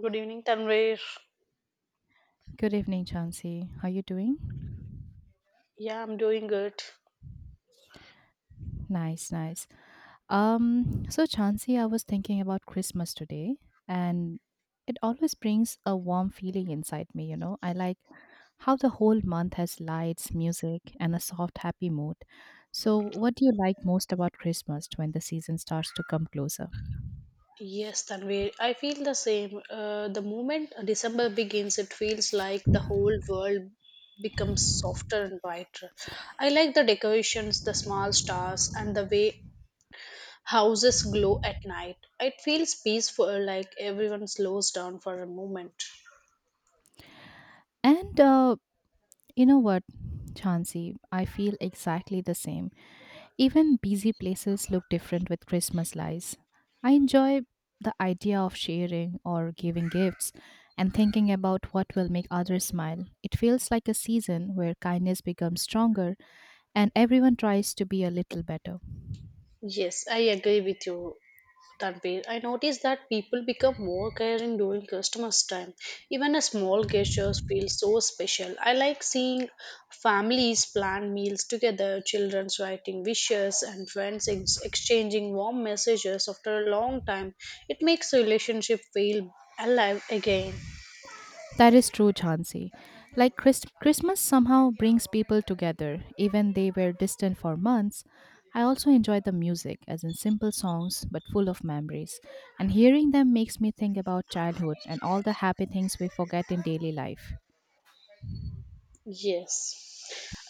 Good evening, Tanvir. Good evening, Chansey. How you doing? Yeah, I'm doing good. Nice, nice. So Chansey, I was thinking about Christmas today, and it always brings a warm feeling inside me, you know. I like how the whole month has lights, music, and a soft, happy mood. So, what do you like most about Christmas when the season starts to come closer? Yes, Tanvir, I feel the same. The moment December begins, it feels like the whole world becomes softer and brighter. I like the decorations, the small stars, and the way houses glow at night. It feels peaceful, like everyone slows down for a moment. And You know what, Chansey, I feel exactly the same. Even busy places look different with Christmas lights. I enjoy the idea of sharing or giving gifts and thinking about what will make others smile. It feels like a season where kindness becomes stronger and everyone tries to be a little better. Yes, I agree with you. Tanvir, I noticed that people become more caring during customers' time. Even a small gestures feel so special. I like seeing families plan meals together, children's writing wishes, and friends exchanging warm messages after a long time. It makes relationship feel alive again. That is true, Chauncey. Like Christmas somehow brings people together, even they were distant for months. I also enjoy the music, as in simple songs but full of memories, and hearing them makes me think about childhood and all the happy things we forget in daily life. Yes.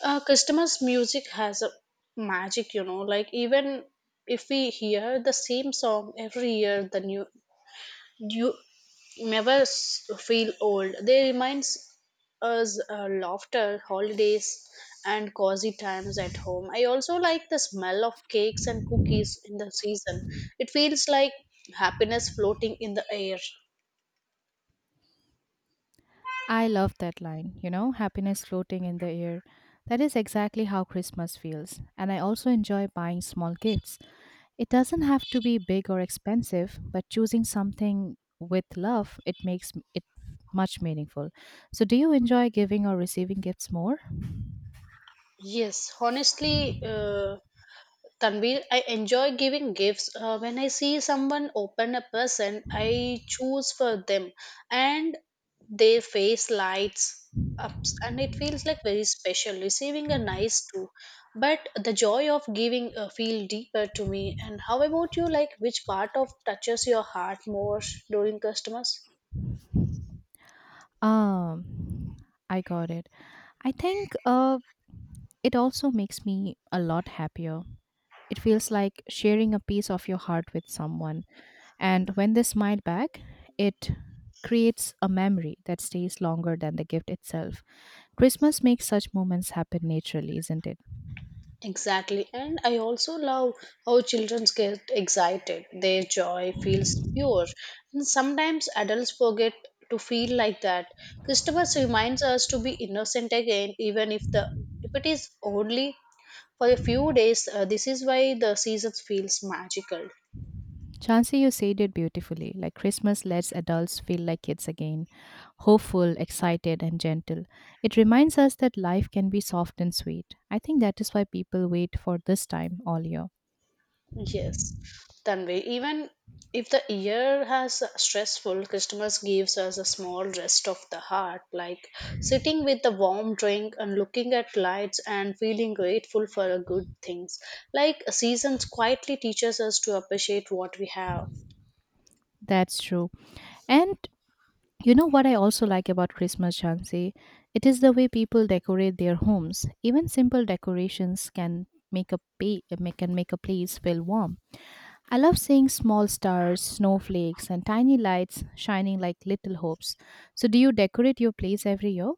Customers' music has a magic, you know, like even if we hear the same song every year, the new you never feel old. They reminds us laughter, holidays, and cozy times at home. I also like the smell of cakes and cookies in the season. It feels like happiness floating in the air. I love that line, you know, happiness floating in the air. That is exactly how Christmas feels, and I also enjoy buying small gifts. It doesn't have to be big or expensive, but choosing something with love, it makes it much meaningful. So do you enjoy giving or receiving gifts more? Yes, honestly, Tanvir, I enjoy giving gifts. When I see someone open a present, I choose for them, and their face lights up, and it feels like very special. Receiving a nice too, but the joy of giving feel deeper to me. And how about you? Like, which part of touches your heart more during customers? Um I got it. I think it also makes me a lot happier. It feels like sharing a piece of your heart with someone. And when they smile back, it creates a memory that stays longer than the gift itself. Christmas makes such moments happen naturally, isn't it? Exactly. And I also love how children get excited. Their joy feels pure. And sometimes adults forget to feel like that. Christmas reminds us to be innocent again, even if it is only for a few days. This is why the season feels magical. Chansey, you said it beautifully. Like Christmas lets adults feel like kids again, hopeful, excited, and gentle. It reminds us that life can be soft and sweet. I think that is why people wait for this time all year. Yes, Tanvi. Even if the year has stressful, Christmas gives us a small rest of the heart, like sitting with a warm drink and looking at lights and feeling grateful for the good things. Like seasons quietly teaches us to appreciate what we have. That's true. And you know what I also like about Christmas, Chansey? It is the way people decorate their homes. Even simple decorations can make a pa- make can make a place feel warm. I love seeing small stars, snowflakes, and tiny lights shining like little hopes. So, do you decorate your place every year?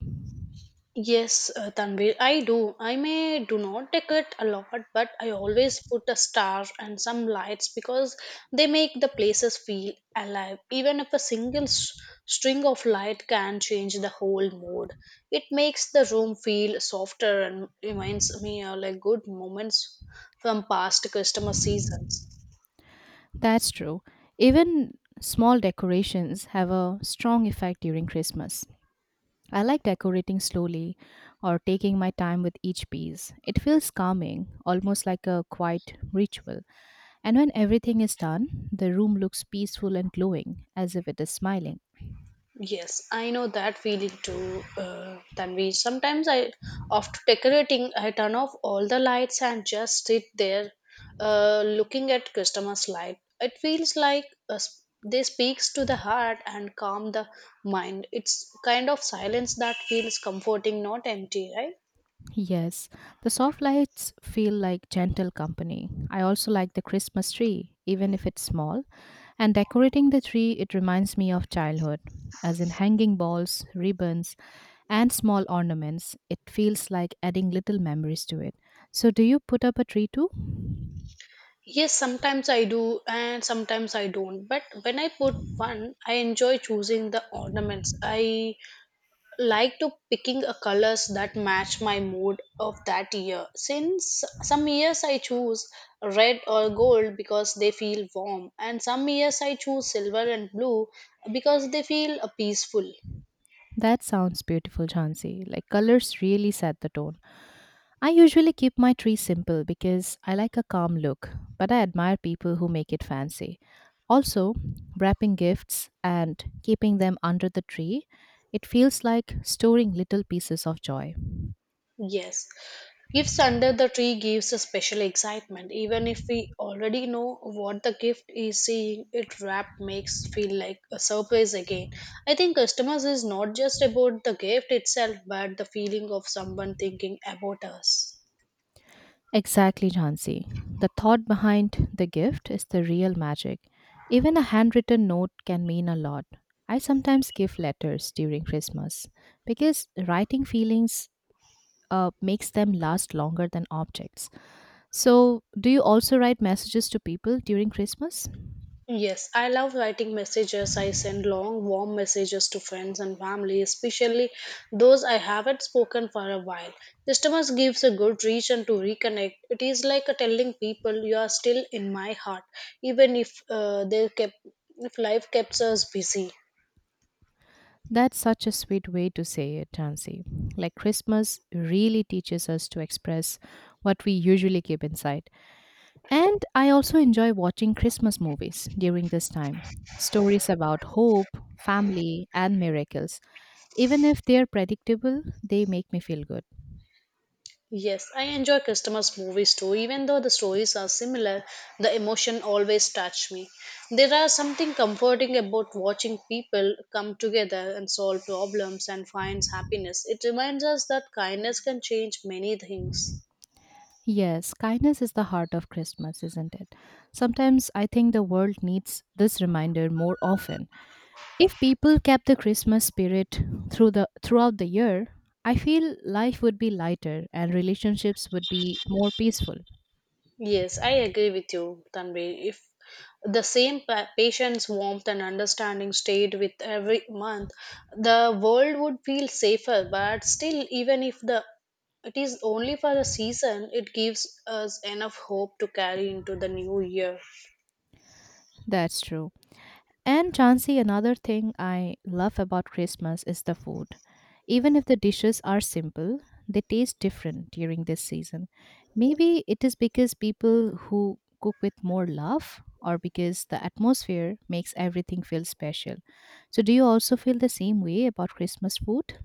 Yes, Tanvir, I do. I may do not decorate a lot, but I always put a star and some lights because they make the places feel alive. Even if a single string of light can change the whole mood, it makes the room feel softer and reminds me of like good moments from past customer seasons. That's true. Even small decorations have a strong effect during Christmas. I like decorating slowly or taking my time with each piece. It feels calming, almost like a quiet ritual. And when everything is done, the room looks peaceful and glowing, as if it is smiling. Yes, I know that feeling too, Tanvi. Sometimes I, after decorating, I turn off all the lights and just sit there, looking at customers' light. It feels like they speaks to the heart and calm the mind. It's kind of silence that feels comforting, not empty, right? Yes, the soft lights feel like gentle company. I also like the Christmas tree, even if it's small, and decorating the tree, it reminds me of childhood, as in hanging balls, ribbons, and small ornaments. It feels like adding little memories to it. So, do you put up a tree too? Yes, sometimes I do and sometimes I don't. But when I put one, I enjoy choosing the ornaments. I like to picking a colors that match my mood of that year. Since some years I choose red or gold because they feel warm, and some years I choose silver and blue because they feel peaceful. That sounds beautiful, Jansi. Like colors really set the tone. I usually keep my tree simple because I like a calm look, but I admire people who make it fancy. Also, wrapping gifts and keeping them under the tree, it feels like storing little pieces of joy. Yes. Gifts under the tree gives a special excitement. Even if we already know what the gift is, seeing it wrapped makes feel like a surprise again. I think customers is not just about the gift itself, but the feeling of someone thinking about us. Exactly, Jansi. The thought behind the gift is the real magic. Even a handwritten note can mean a lot. I sometimes give letters during Christmas because writing feelings makes them last longer than objects. So, do you also write messages to people during Christmas? Yes, I love writing messages. I send long, warm messages to friends and family, especially those I haven't spoken for a while. Customers gives a good reason to reconnect. It is like a telling people you are still in my heart, even if they kept if life keeps us busy. That's such a sweet way to say it, Tansy. Like, Christmas really teaches us to express what we usually keep inside. And I also enjoy watching Christmas movies during this time. Stories about hope, family, and miracles. Even if they're predictable, they make me feel good. Yes, I enjoy Christmas movies too. Even though the stories are similar, the emotion always touch me. There are something comforting about watching people come together and solve problems and find happiness. It reminds us that kindness can change many things. Yes, kindness is the heart of Christmas, isn't it? Sometimes I think the world needs this reminder more often. If people kept the Christmas spirit throughout the year, I feel life would be lighter and relationships would be more peaceful. Yes, I agree with you, Tanvi. If the same patience, warmth, and understanding stayed with every month, the world would feel safer. But still, even if the it is only for a season, it gives us enough hope to carry into the new year. That's true. And Chansey, another thing I love about Christmas is the food. Even if the dishes are simple, they taste different during this season. Maybe it is because people who cook with more love or because the atmosphere makes everything feel special. So do you also feel the same way about Christmas food?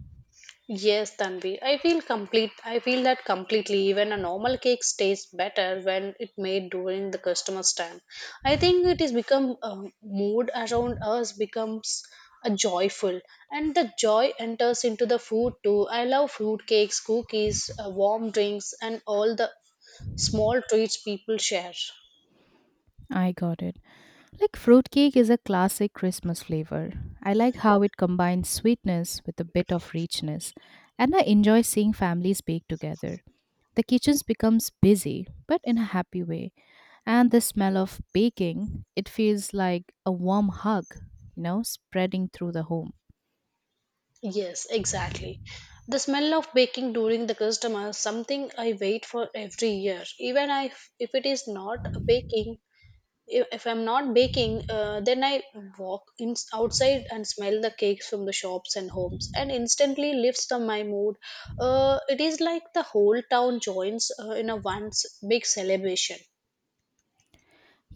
Yes, Tanvi. I feel complete. I feel that completely. Even a normal cake tastes better when it made during the customer's time. I think it is become a mood around us becomes a joyful, and the joy enters into the food too. I love fruit cakes, cookies, warm drinks, and all the small treats people share. I got it. Like fruitcake is a classic Christmas flavor. I like how it combines sweetness with a bit of richness, and I enjoy seeing families bake together. The kitchen becomes busy, but in a happy way. And the smell of baking, it feels like a warm hug, you know, spreading through the home. Yes, exactly. The smell of baking during the customer is something I wait for every year. Even I, if it is not a baking, if I'm not baking , then I walk in, outside and smell the cakes from the shops and homes and instantly lifts the, my mood, it is like the whole town joins in a once big celebration.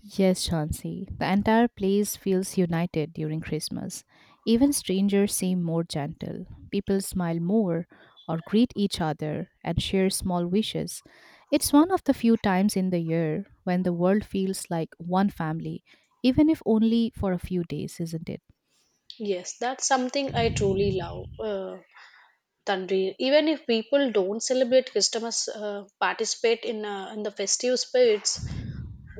Yes, Chauncey. The entire place feels united during Christmas. Even strangers seem more gentle. People smile more or greet each other and share small wishes. It's one of the few times in the year when the world feels like one family, even if only for a few days, isn't it? Yes, that's something I truly love, Tanri. Even if people don't celebrate Christmas, participate in the festive spirits,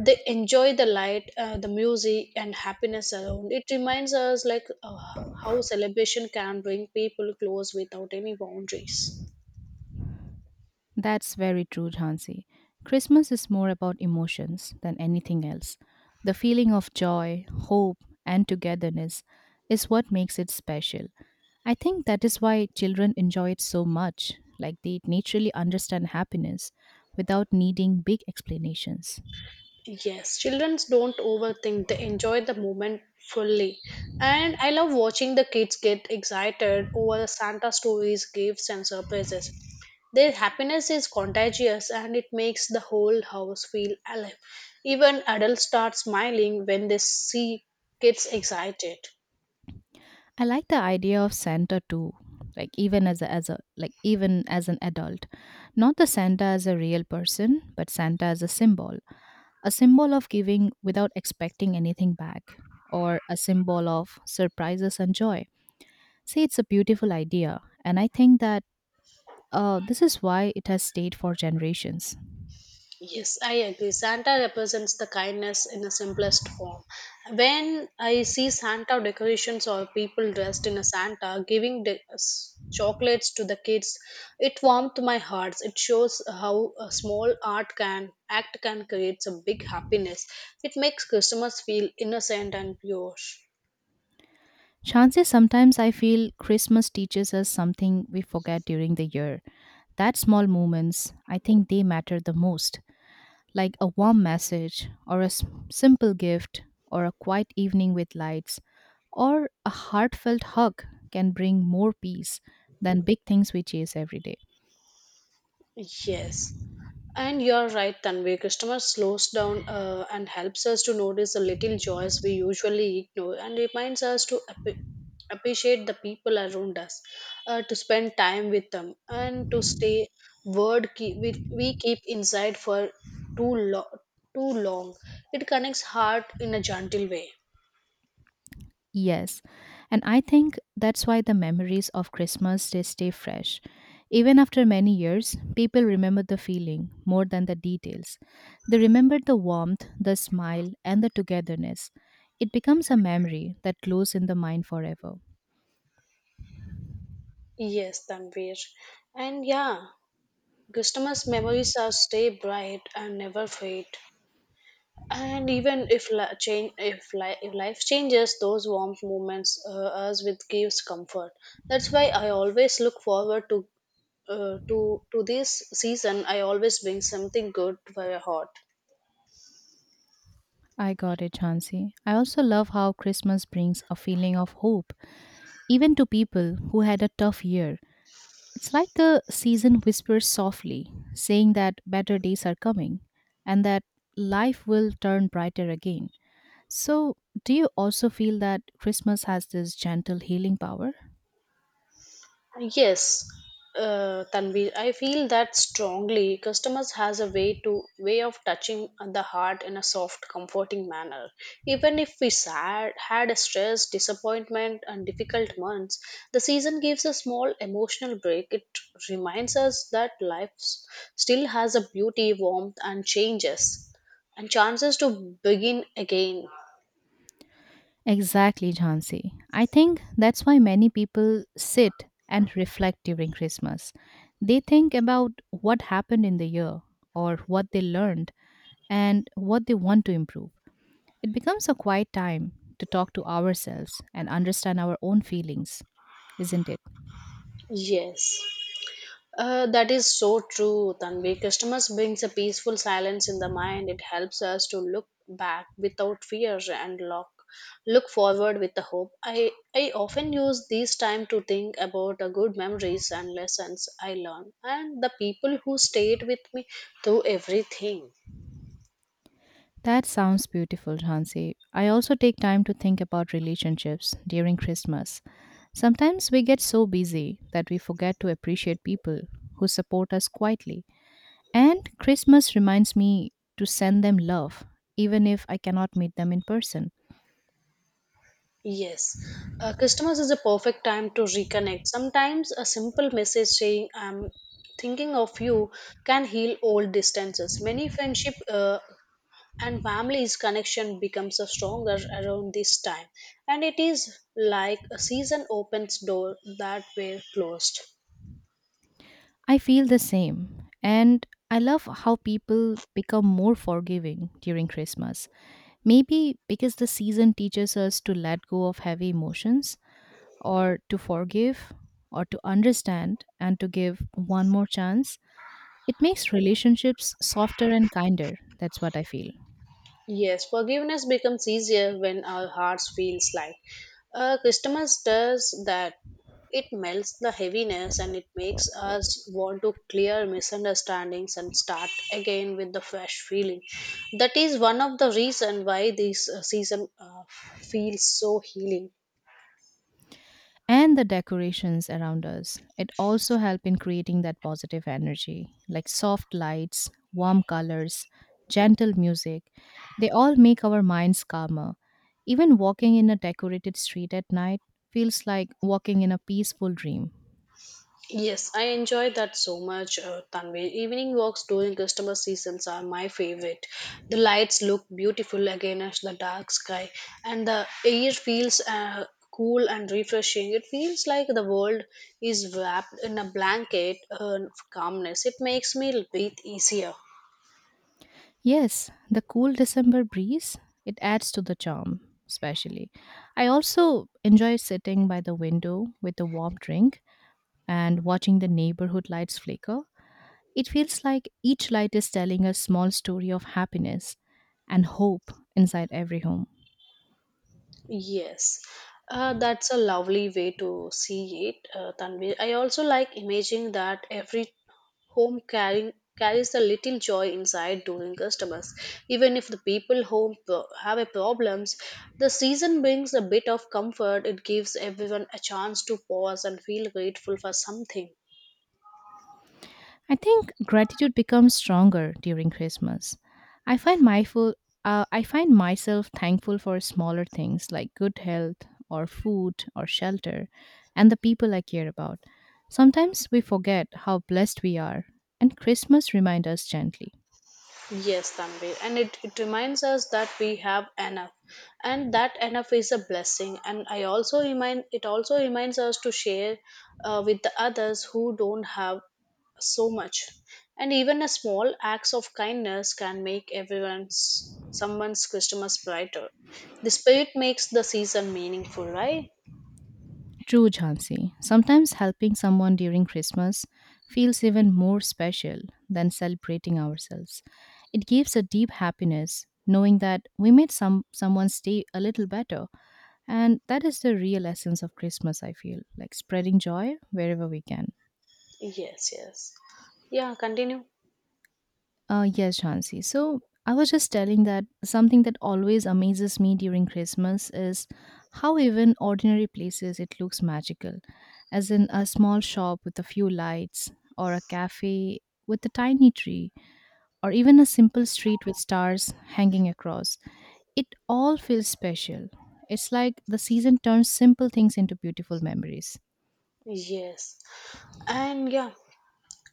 they enjoy the light, the music and happiness around it. Reminds us like, how celebration can bring people close without any boundaries. That's very true, Jhansi. Christmas is more about emotions than anything else. The feeling of joy, hope, and togetherness is what makes it special. I think that is why children enjoy it so much, like they naturally understand happiness without needing big explanations. Yes, children don't overthink. They enjoy the moment fully, and I love watching the kids get excited over the Santa stories, gifts, and surprises. Their happiness is contagious, and it makes the whole house feel alive. Even adults start smiling when they see kids excited. I like the idea of Santa too, like even as an adult. Not the Santa as a real person, but Santa as a symbol, a symbol of giving without expecting anything back, or a symbol of surprises and joy. See, it's a beautiful idea, and I think that this is why it has stayed for generations. Yes, I agree. Santa represents the kindness in the simplest form. When I see Santa decorations or people dressed in a Santa giving chocolates to the kids, it warmed my heart. It shows how a small art can act can create a big happiness. It makes Christmas feel innocent and pure. Chances sometimes I feel Christmas teaches us something we forget during the year. That small moments, I think they matter the most. Like a warm message, or a simple gift, or a quiet evening with lights, or a heartfelt hug can bring more peace than big things we chase every day. Yes. And you're right, Tanvi. Customer slows down and helps us to notice the little joys we usually ignore and reminds us to appreciate the people around us, to spend time with them, and to stay word keep, we keep inside for too, lo- too long. It connects heart in a gentle way. Yes, and I think that's why the memories of Christmas they stay fresh. Even after many years, people remember the feeling more than the details. They remember the warmth, the smile, and the togetherness. It becomes a memory that glows in the mind forever. Yes, Tanvir. And yeah, customers' memories are stay bright and never fade. And even if, if life changes those warm moments, us with gives comfort. That's why I always look forward to, to this season. I always bring something good for your heart. I got it, Chansey. I also love how Christmas brings a feeling of hope, even to people who had a tough year. It's like the season whispers softly, saying that better days are coming and that life will turn brighter again. So, do you also feel that Christmas has this gentle healing power? Yes, Tanvi, I feel that strongly. Customers has a way of touching the heart in a soft, comforting manner. Even if we sad, had a stress, disappointment, and difficult months, the season gives a small emotional break. It reminds us that life still has a beauty, warmth, and changes, and chances to begin again. Exactly, Jhansi. I think that's why many people sit and reflect during Christmas. They think about what happened in the year or what they learned and what they want to improve. It becomes a quiet time to talk to ourselves and understand our own feelings, isn't it? Yes. That is so true, Tanvi. Customers brings a peaceful silence in the mind. It helps us to look back without fear and look forward with the hope. I often use this time to think about the good memories and lessons I learned and the people who stayed with me through everything. That sounds beautiful, Hansi. I also take time to think about relationships during Christmas. Sometimes we get so busy that we forget to appreciate people who support us quietly. And Christmas reminds me to send them love, even if I cannot meet them in person. Yes. Customers is a perfect time to reconnect. Sometimes a simple message saying I'm thinking of you can heal old distances. Many friendship, and families connection becomes a stronger around this time, and it is like a season opens door that were closed. I feel the same. And I love how people become more forgiving during Christmas. Maybe because the season teaches us to let go of heavy emotions or to forgive or to understand and to give one more chance. It makes relationships softer and kinder. That's what I feel. Yes, forgiveness becomes easier when our hearts feels light. Christmas does that. It melts the heaviness, and it makes us want to clear misunderstandings and start again with the fresh feeling. That is one of the reason why this, season, feels so healing. And the decorations around us, it also help in creating that positive energy, like soft lights, warm colors, gentle music, they all make our minds calmer. Even walking in a decorated street at night feels like walking in a peaceful dream. Yes, I enjoy that so much, Tanvi. Evening walks during customer seasons are my favorite. The lights look beautiful against the dark sky, and the air feels cool and refreshing. It feels like the world is wrapped in a blanket of calmness. It makes me breathe easier. Yes, the cool December breeze, it adds to the charm, especially. I also enjoy sitting by the window with a warm drink and watching the neighborhood lights flicker. It feels like each light is telling a small story of happiness and hope inside every home. Yes, that's a lovely way to see it, Tanvi. I also like imagining that every home carrying carries a little joy inside during customers. Even if the people home have a problems, the season brings a bit of comfort. It gives everyone a chance to pause and feel grateful for something. I think gratitude becomes stronger during Christmas. I find mindful I find myself thankful for smaller things like good health or food or shelter and the people I care about. Sometimes we forget how blessed we are and Christmas reminds us gently. Yes, Tanvir, and it reminds us that we have enough, and that enough is a blessing. And I also remind it also reminds us to share, with the others who don't have so much, and even a small acts of kindness can make everyone's someone's Christmas brighter. The spirit makes the season meaningful, right? True, Jhansi. Sometimes helping someone during Christmas feels even more special than celebrating ourselves. It gives a deep happiness knowing that we made someone's day a little better, and that is the real essence of Christmas. I feel like spreading joy wherever we can. Yes, yes, yeah. Continue. Yes, Shansi. So I was just telling that something that always amazes me during Christmas is how even ordinary places it looks magical, as in a small shop with a few lights, or a cafe with a tiny tree, or even a simple street with stars hanging across. It all feels special. It's like the season turns simple things into beautiful memories. Yes, and yeah,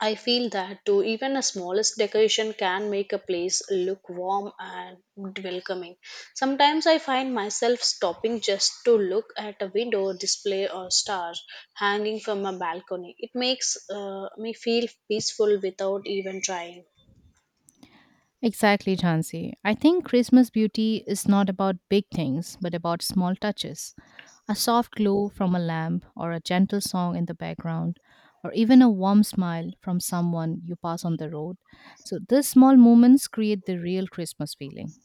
I feel that too. Even a smallest decoration can make a place look warm and welcoming. Sometimes I find myself stopping just to look at a window display or stars hanging from a balcony. It makes me feel peaceful without even trying. Exactly, Jansi. I think Christmas beauty is not about big things, but about small touches. A soft glow from a lamp, or a gentle song in the background, or even a warm smile from someone you pass on the road. So, these small moments create the real Christmas feeling.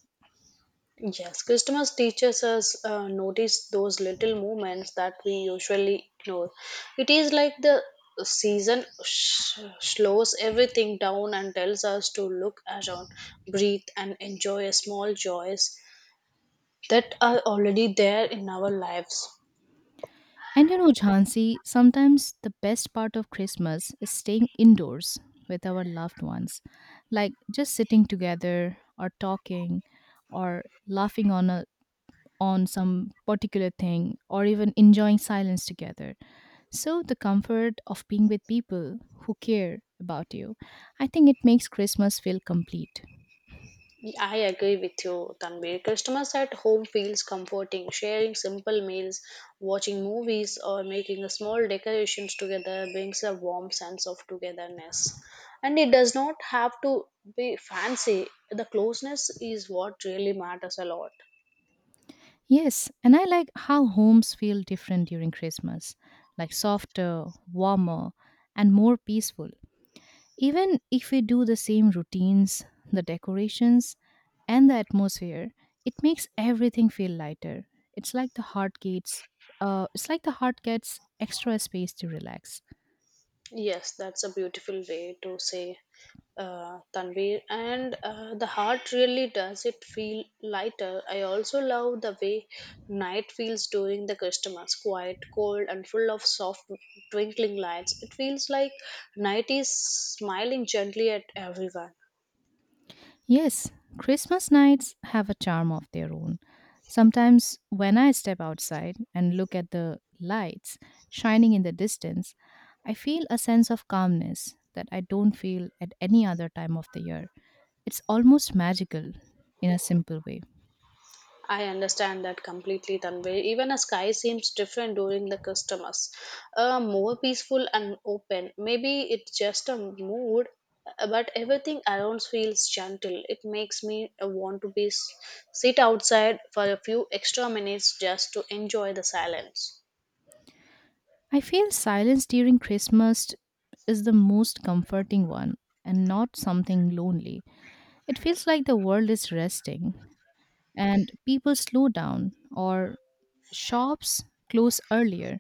Yes, Christmas teaches us, notice those little moments that we usually ignore. It is like the season slows everything down and tells us to look around, breathe, and enjoy small joys that are already there in our lives. And you know, Jhansi, sometimes the best part of Christmas is staying indoors with our loved ones, like just sitting together or talking or laughing on some particular thing or even enjoying silence together. So the comfort of being with people who care about you, I think it makes Christmas feel complete. I agree with you, Tanvir. Customers at home feels comforting. Sharing simple meals, watching movies, or making a small decorations together brings a warm sense of togetherness. And it does not have to be fancy. The closeness is what really matters a lot. Yes, and I like how homes feel different during Christmas, like softer, warmer, and more peaceful. Even if we do the same routines, the decorations, and the atmosphere, it makes everything feel lighter. It's like the heart gets, it's like the heart gets extra space to relax. Yes, that's a beautiful way to say Tanvir, and the heart really does it feel lighter. I also love the way night feels during the Christmas, quiet, cold, and full of soft twinkling lights. It feels like night is smiling gently at everyone. Yes, Christmas nights have a charm of their own. Sometimes when I step outside and look at the lights shining in the distance, I feel a sense of calmness that I don't feel at any other time of the year. It's almost magical in a simple way. I understand that completely, Tanvi. Even a sky seems different during the customers, more peaceful and open. Maybe it's just a mood, but everything around feels gentle. It makes me want to sit outside for a few extra minutes just to enjoy the silence. I feel silence during Christmas is the most comforting one and not something lonely. It feels like the world is resting and people slow down, or shops close earlier,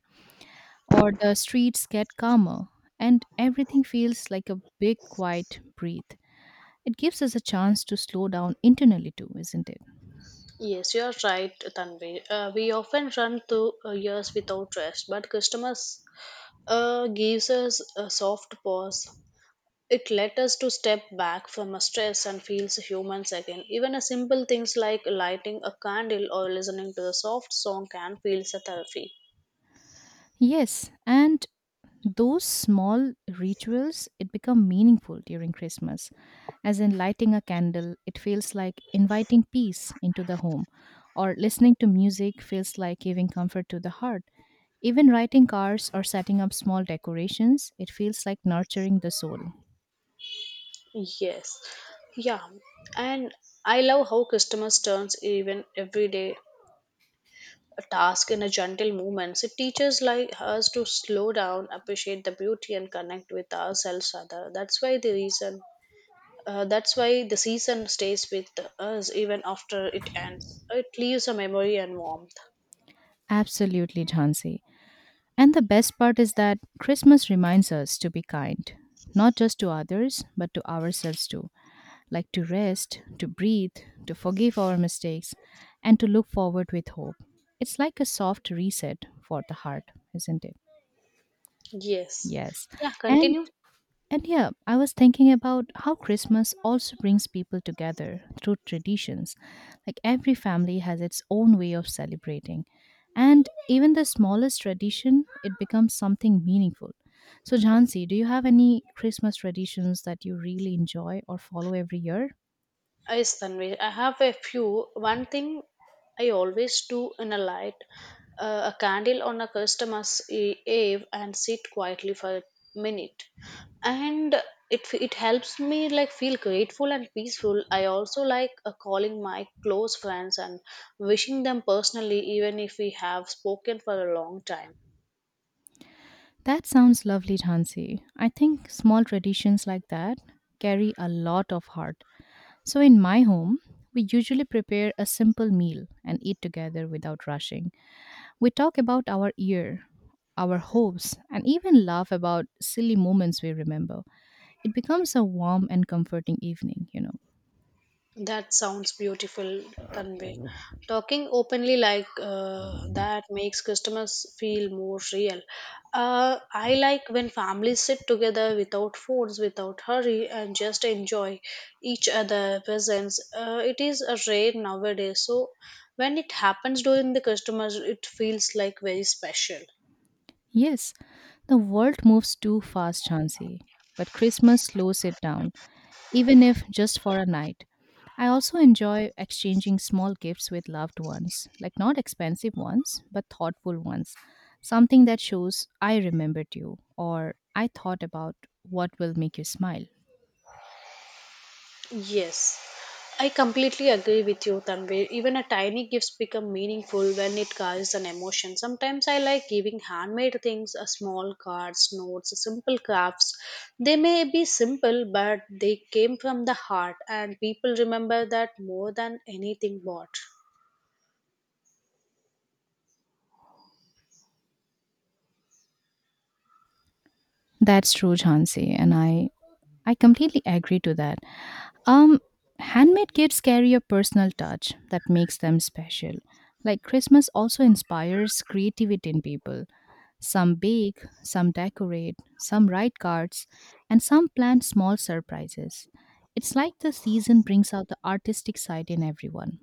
or the streets get calmer, and everything feels like a big quiet breath. It gives us a chance to slow down internally too, isn't it? Yes, you're right, Tanvi. We often run through years without rest, but customers gives us a soft pause. It led us to step back from stress and feels humans again. Even a simple things like lighting a candle or listening to a soft song can feel a therapy. Yes, and those small rituals it become meaningful during Christmas, as in lighting a candle it feels like inviting peace into the home, or listening to music feels like giving comfort to the heart, even writing cards or setting up small decorations it feels like nurturing the soul. Yes. Yeah. And I love how customers turns even everyday task in a gentle movements. It teaches like us to slow down, appreciate the beauty and connect with ourselves other. That's why the season stays with us even after it ends. It leaves a memory and warmth. Absolutely, Jhansi. And the best part is that Christmas reminds us to be kind, not just to others but to ourselves too, like to rest, to breathe, to forgive our mistakes, and to look forward with hope. It's like a soft reset for the heart, isn't it? Yes. Yes. Yeah, And continue. and yeah, I was thinking about how Christmas also brings people together through traditions. Like every family has its own way of celebrating. And even the smallest tradition, it becomes something meaningful. So, Jhansi, do you have any Christmas traditions that you really enjoy or follow every year? Yes, Tanvi. I have a few. One thing I always do in a light a candle on a customer's eve and sit quietly for a minute. And it helps me like feel grateful and peaceful. I also like calling my close friends and wishing them personally even if we have spoken for a long time. That sounds lovely, Jhansi. I think small traditions like that carry a lot of heart. So, in my home, we usually prepare a simple meal and eat together without rushing. We talk about our year, our hopes, and even laugh about silly moments we remember. It becomes a warm and comforting evening, you know. That sounds beautiful, Tanvi. Talking openly like that makes customers feel more real. I like when families sit together without phones, without hurry, and just enjoy each other' presence. It is a rare nowadays, so when it happens during the customers, it feels like very special. Yes, the world moves too fast, Chansi, but Christmas slows it down even if just for a night. I also enjoy exchanging small gifts with loved ones, like not expensive ones, but thoughtful ones. Something that shows I remembered you or I thought about what will make you smile. Yes, I completely agree with you, Tanvir. Even a tiny gifts become meaningful when it carries an emotion. Sometimes I like giving handmade things, a small cards, notes, simple crafts. They may be simple, but they came from the heart, and people remember that more than anything bought. That's true, Jhansi, and I completely agree to that. Um, Handmade gifts carry a personal touch that makes them special. Like Christmas also inspires creativity in people. Some bake, some decorate, some write cards, and some plan small surprises. It's like the season brings out the artistic side in everyone.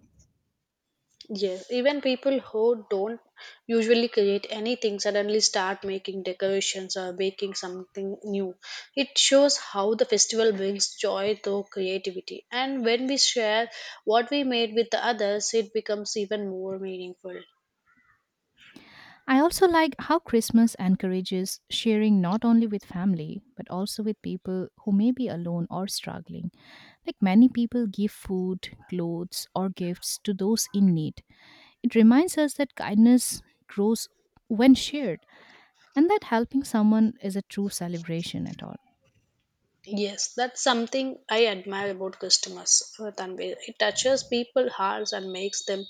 Yes, even people who don't usually create anything suddenly start making decorations or baking something new. It shows how the festival brings joy to creativity, and when we share what we made with the others, it becomes even more meaningful. I also like how Christmas encourages sharing not only with family, but also with people who may be alone or struggling. Like many people give food, clothes, or gifts to those in need. It reminds us that kindness grows when shared, and that helping someone is a true celebration at all. Yes, that's something I admire about customers, Tanvir. It touches people's hearts and makes them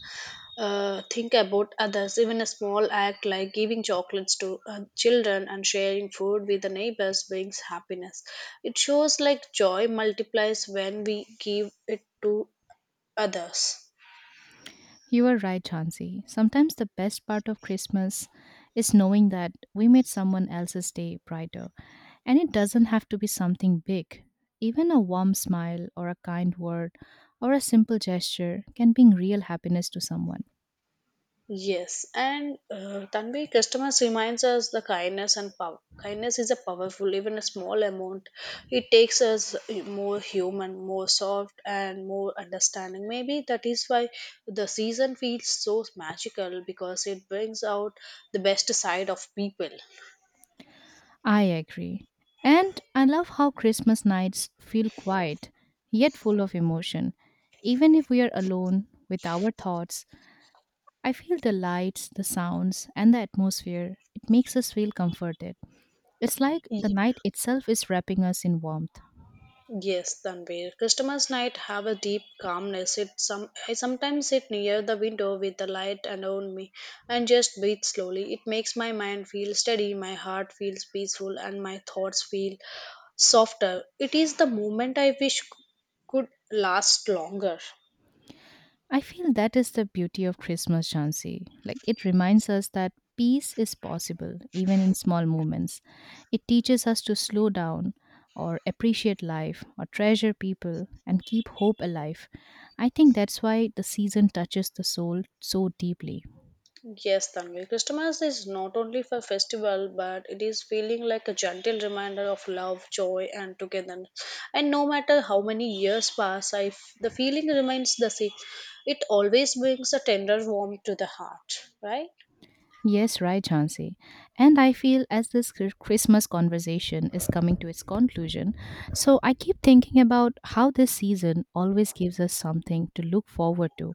think about others. Even a small act like giving chocolates to children and sharing food with the neighbors brings happiness. It shows like joy multiplies when we give it to others. You are right, Chansey. Sometimes the best part of Christmas is knowing that we made someone else's day brighter. And it doesn't have to be something big. Even a warm smile or a kind word or a simple gesture can bring real happiness to someone. Yes, and Tanvi, customers reminds us the kindness and power. Kindness is a powerful, even a small amount. It takes us more human, more soft, and more understanding. Maybe that is why the season feels so magical because it brings out the best side of people. I agree. And I love how Christmas nights feel quiet, yet full of emotion. Even if we are alone with our thoughts, I feel the lights, the sounds, and the atmosphere. It makes us feel comforted. It's like the night itself is wrapping us in warmth. Yes, Tanvir. Christmas night have a deep calmness. It some I sometimes sit near the window with the light around me and just breathe slowly. It makes my mind feel steady, my heart feels peaceful, and my thoughts feel softer. It is the moment I wish could last longer. I feel that is the beauty of Christmas, Jansi. Like it reminds us that peace is possible, even in small moments. It teaches us to slow down or appreciate life or treasure people and keep hope alive. I think that's why the season touches the soul so deeply. Yes, Tanvi. Christmas is not only a festival, but it is feeling like a gentle reminder of love, joy, and togetherness. And no matter how many years pass, the feeling remains the same. It always brings a tender warmth to the heart, right? Yes, right, Jansi. And I feel as this Christmas conversation is coming to its conclusion, so I keep thinking about how this season always gives us something to look forward to.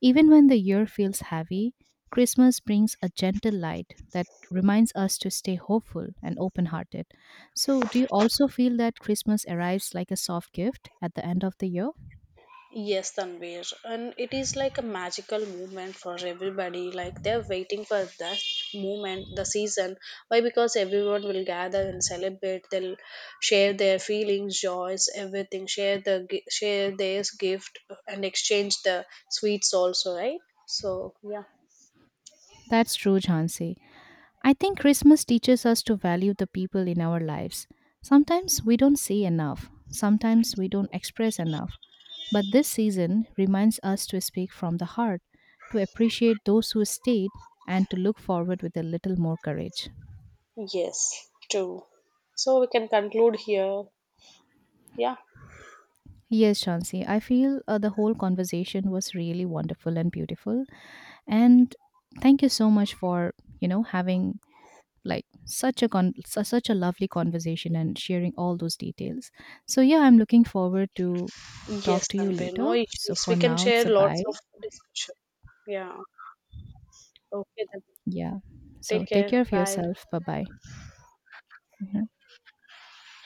Even when the year feels heavy, Christmas brings a gentle light that reminds us to stay hopeful and open hearted. So, do you also feel that Christmas arrives like a soft gift at the end of the year? Yes, Tanvir. And it is like a magical moment for everybody. Like they're waiting for that moment, the season. Why? Because everyone will gather and celebrate. They'll share their feelings, joys, everything. Share the share their gift and exchange the sweets also, right? So yeah. That's true, Jhansi. I think Christmas teaches us to value the people in our lives. Sometimes we don't say enough, sometimes we don't express enough. But this season reminds us to speak from the heart, to appreciate those who stayed, and to look forward with a little more courage. Yes, true. So we can conclude here. Yeah. Yes, Shansi, I feel the whole conversation was really wonderful and beautiful. And thank you so much for, you know, having like such a such a lovely conversation and sharing all those details. So yeah, I'm looking forward to talk Yes, to you Tanvir. No later. So issues. for We can now, share it's a lots bye. of discussion. Yeah. Okay. Then. Yeah. So Take take care. care of Bye. yourself. Bye bye.